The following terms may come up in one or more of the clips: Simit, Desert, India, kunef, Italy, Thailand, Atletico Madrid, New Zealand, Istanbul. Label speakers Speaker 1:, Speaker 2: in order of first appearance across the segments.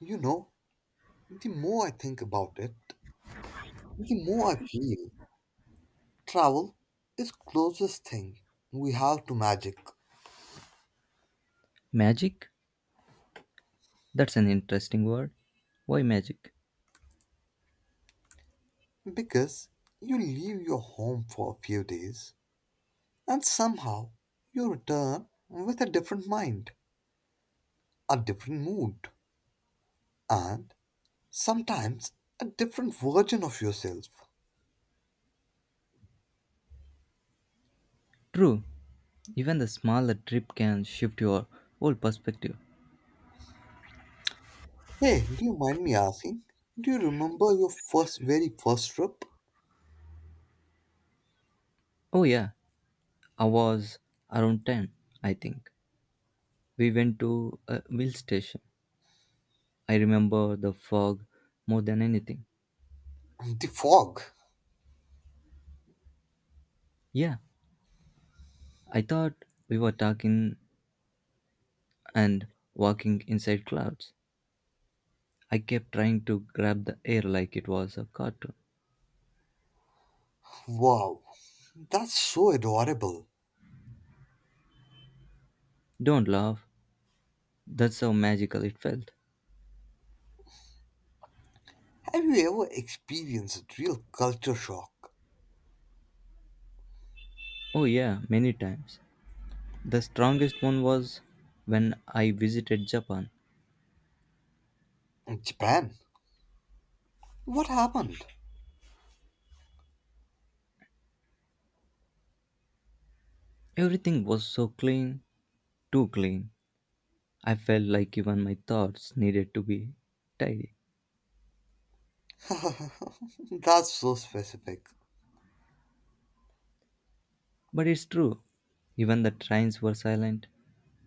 Speaker 1: You know, the more I think about it, the more I feel travel is closest thing we have to magic
Speaker 2: Magic? That's an interesting word. Why magic?
Speaker 1: because you leave your home for a few days and somehow you return with a different mind, a different mood, and sometimes a different version of yourself.
Speaker 2: True, even the smaller trip can shift your whole perspective.
Speaker 1: Hey, do you mind me asking? Do you remember your first very first trip?
Speaker 2: Oh, yeah, I was around 10, I think. We went to a hill station. I remember the fog more than anything.
Speaker 1: The fog.
Speaker 2: Yeah, I thought we were talking and walking inside clouds. I kept trying to grab the air like it was a cartoon.
Speaker 1: Wow, that's so adorable.
Speaker 2: Don't laugh, that's how magical it felt.
Speaker 1: Have you ever experienced real culture shock?
Speaker 2: Oh, yeah, many times. The strongest one was when I visited Japan.
Speaker 1: In Japan? What happened?
Speaker 2: Everything was so clean, too clean. I felt like even my thoughts needed to be tidy.
Speaker 1: That's so specific.
Speaker 2: But it's true, even the trains were silent.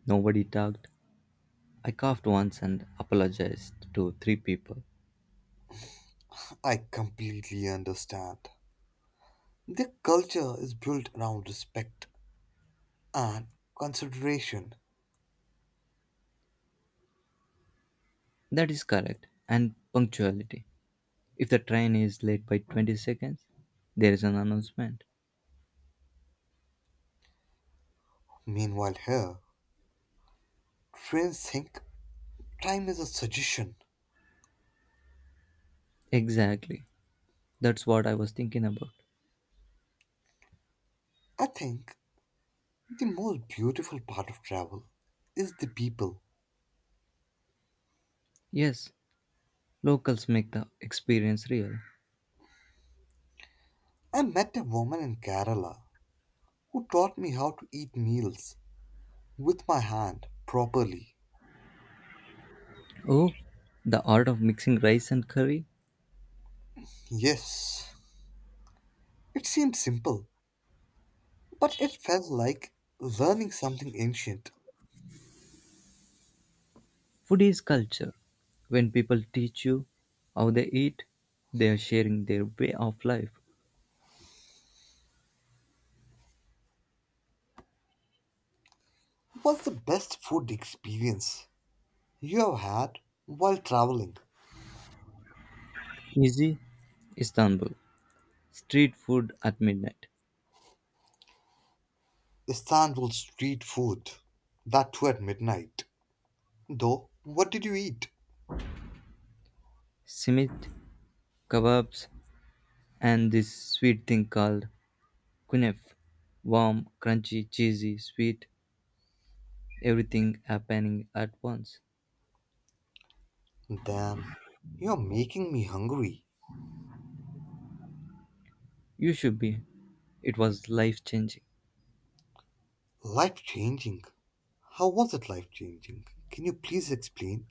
Speaker 2: Nobody talked. I coughed once and apologized to three people.
Speaker 1: I completely understand. Their culture is built around respect and consideration.
Speaker 2: That is correct. And punctuality. If the train is late by 20 seconds, there is an announcement.
Speaker 1: Meanwhile, here, trains think time is a suggestion.
Speaker 2: Exactly. That's what I was thinking about.
Speaker 1: I think the most beautiful part of travel is the people.
Speaker 2: Yes, locals make the experience real.
Speaker 1: I met a woman in Kerala who taught me how to eat meals with my hand properly.
Speaker 2: Oh, the art of mixing rice and curry.
Speaker 1: Yes, it seemed simple, but it felt like learning something ancient.
Speaker 2: Food is culture. When people teach you how they eat, they are sharing their way of life.
Speaker 1: What's the best food experience you have had while traveling?
Speaker 2: Easy, Istanbul. Street food at midnight.
Speaker 1: Istanbul street food. That too at midnight. Though, what did you eat?
Speaker 2: Simit, kebabs, and this sweet thing called kunef. Warm, crunchy, cheesy, sweet, everything happening at once.
Speaker 1: Damn, you're making me hungry.
Speaker 2: You should be. It was life changing.
Speaker 1: Life changing. How was it life changing? Can you please explain?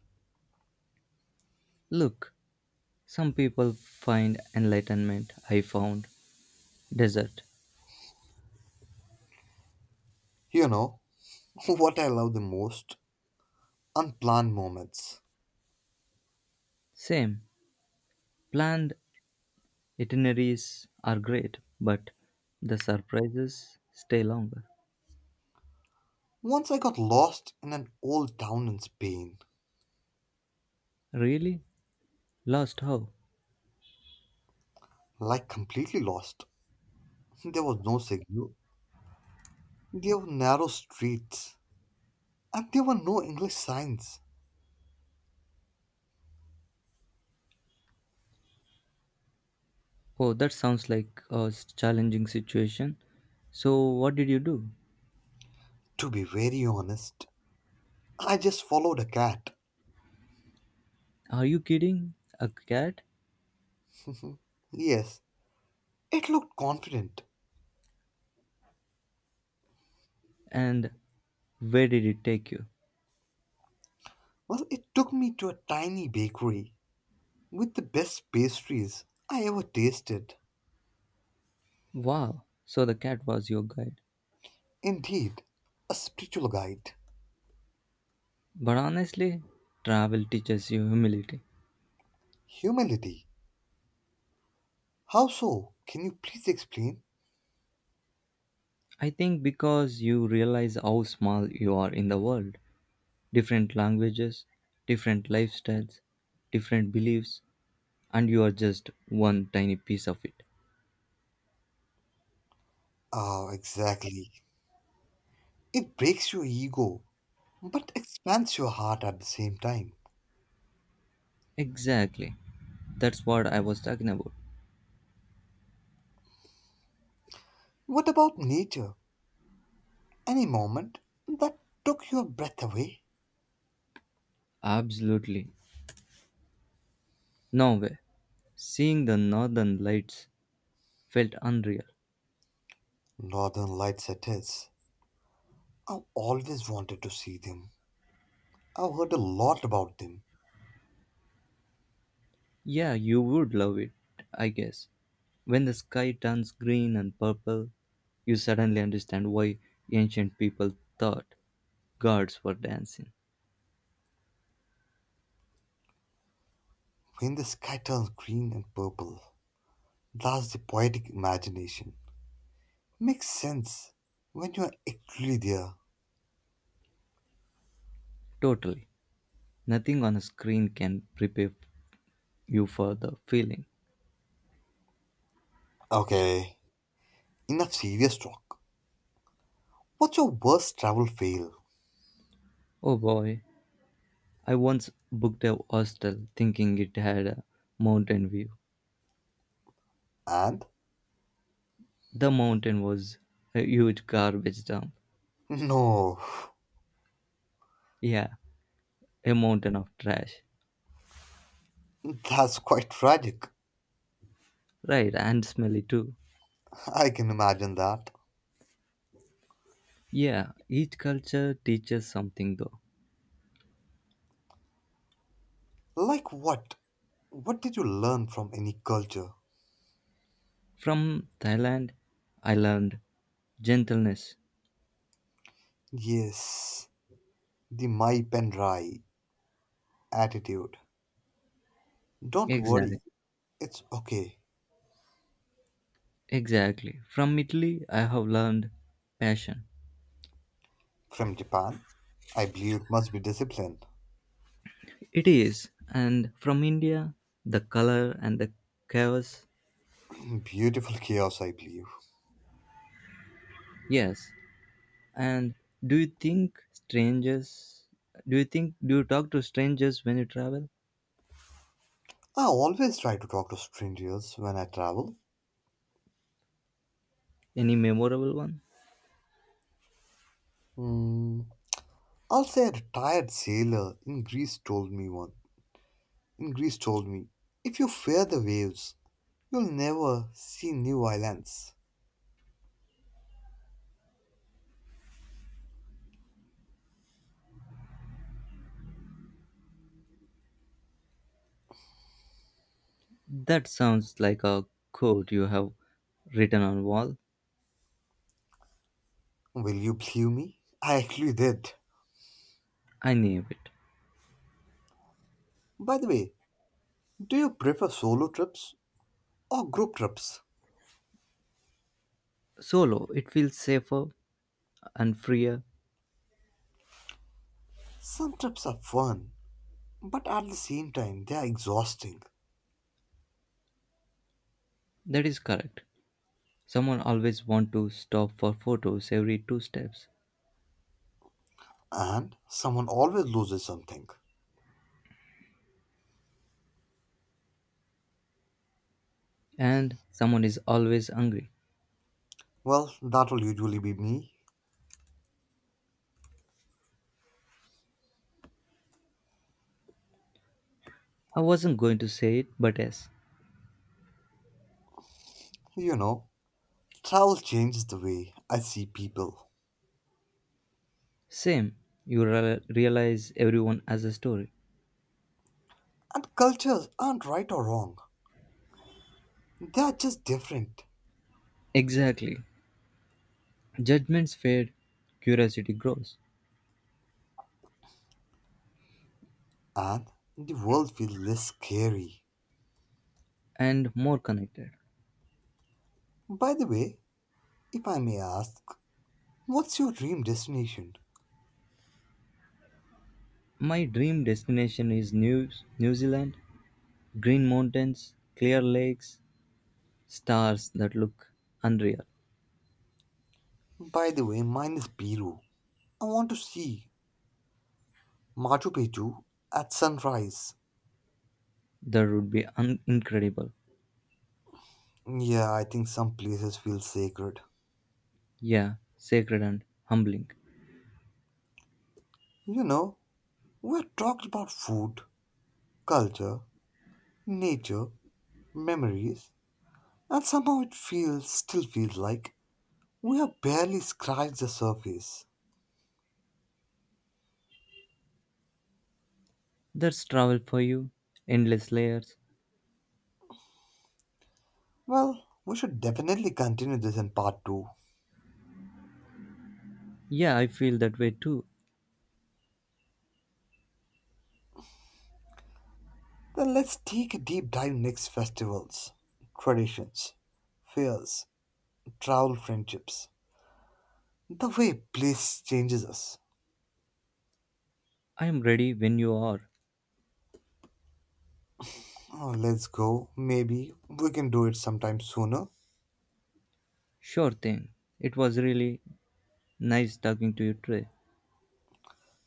Speaker 2: Look, some people find enlightenment. I found Desert.
Speaker 1: You know, what I love the most unplanned moments.
Speaker 2: Same. Planned itineraries are great, but the surprises stay longer.
Speaker 1: Once I got lost in an old town in Spain,
Speaker 2: Really? Lost how?
Speaker 1: like completely lost. There was no signal, there were narrow streets, and there were no English signs.
Speaker 2: Oh, that sounds like a challenging situation. So, what did you do?
Speaker 1: To be very honest, I just followed a cat.
Speaker 2: Are you kidding? A cat?
Speaker 1: yes, it looked confident.
Speaker 2: And where did it take you?
Speaker 1: Well, it took me to a tiny bakery with the best pastries I ever tasted.
Speaker 2: Wow, so the cat was your guide.
Speaker 1: Indeed, a spiritual guide.
Speaker 2: But honestly, travel teaches you humility.
Speaker 1: Humility. How so? Can you please explain?
Speaker 2: I think because you realize how small you are in the world. Different languages, different lifestyles, different beliefs, and you are just one tiny piece of it.
Speaker 1: Oh, exactly. It breaks your ego, but expands your heart at the same time.
Speaker 2: Exactly. That's what I was talking about.
Speaker 1: What about nature? Any moment that took your breath away?
Speaker 2: Absolutely. No way. Seeing the northern lights felt unreal.
Speaker 1: Northern Lights it is. I've always wanted to see them. I've heard a lot about them.
Speaker 2: Yeah, you would love it, I guess. When the sky turns green and purple, you suddenly understand why ancient people thought gods were dancing.
Speaker 1: When the sky turns green and purple, that's the poetic imagination. Makes sense when you're actually there.
Speaker 2: Totally. Nothing on a screen can prepare you for the feeling.
Speaker 1: Okay, enough serious talk. What's your worst travel fail?
Speaker 2: Oh boy, I once booked a hostel thinking it had a mountain view.
Speaker 1: And?
Speaker 2: The mountain was a huge garbage dump.
Speaker 1: No,
Speaker 2: Yeah, a mountain of trash.
Speaker 1: that's quite tragic.
Speaker 2: Right, and smelly too.
Speaker 1: I can imagine that.
Speaker 2: Yeah, each culture teaches something though.
Speaker 1: Like what? What did you learn from any culture?
Speaker 2: From Thailand, I learned gentleness.
Speaker 1: Yes, the my pen dry attitude. Don't
Speaker 2: Exactly.
Speaker 1: worry, it's okay.
Speaker 2: Exactly. From Italy, I have learned passion.
Speaker 1: From Japan? I believe it must be discipline.
Speaker 2: It is. And from India, the color and the chaos.
Speaker 1: Beautiful chaos, I believe.
Speaker 2: Yes. And do you think strangers do you think do you talk to strangers when you travel?
Speaker 1: I always try to talk to strangers when I travel.
Speaker 2: Any memorable one?
Speaker 1: Hmm. I'll say a retired sailor in Greece told me one. In Greece told me, if you fear the waves, you'll never see new islands.
Speaker 2: That sounds like a quote you have written on wall.
Speaker 1: Will you believe me? I actually did.
Speaker 2: I knew it.
Speaker 1: By the way, do you prefer solo trips or group trips?
Speaker 2: Solo, it feels safer and freer.
Speaker 1: Some trips are fun, but at the same time, they are exhausting,
Speaker 2: That is correct. Someone always want to stop for photos every two steps.
Speaker 1: and someone always loses something.
Speaker 2: And someone is always hungry.
Speaker 1: Well, that will usually be me.
Speaker 2: I wasn't going to say it, but yes.
Speaker 1: You know, travel changes the way I see people.
Speaker 2: Same. You realize everyone has a story.
Speaker 1: And cultures aren't right or wrong, they are just different,
Speaker 2: Exactly. Judgments fade, curiosity grows,
Speaker 1: and the world feels less scary.
Speaker 2: and more connected.
Speaker 1: By the way, if I may ask, what's your dream destination?
Speaker 2: My dream destination is New Zealand, green mountains, clear lakes, stars that look unreal.
Speaker 1: By the way, mine is Peru. I want to see Machu Picchu at sunrise.
Speaker 2: That would be incredible.
Speaker 1: Yeah, I think some places feel sacred.
Speaker 2: Yeah, sacred and humbling.
Speaker 1: You know, we have talked about food, culture, nature, memories, and somehow it feels still feels like we have barely scratched the surface.
Speaker 2: That's travel for you, endless layers.
Speaker 1: Well, we should definitely continue this in part 2.
Speaker 2: Yeah, I feel that way too.
Speaker 1: Then let's take a deep dive next festivals, traditions, fears, travel friendships. The way place changes us.
Speaker 2: I am ready when you are.
Speaker 1: Oh, let's go. Maybe we can do it sometime sooner.
Speaker 2: Sure thing. It was really nice talking to you today.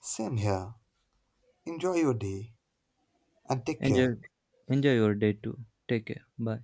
Speaker 1: Same here. Enjoy your day and take
Speaker 2: Enjoy,
Speaker 1: care.
Speaker 2: Enjoy your day too. Take care. Bye.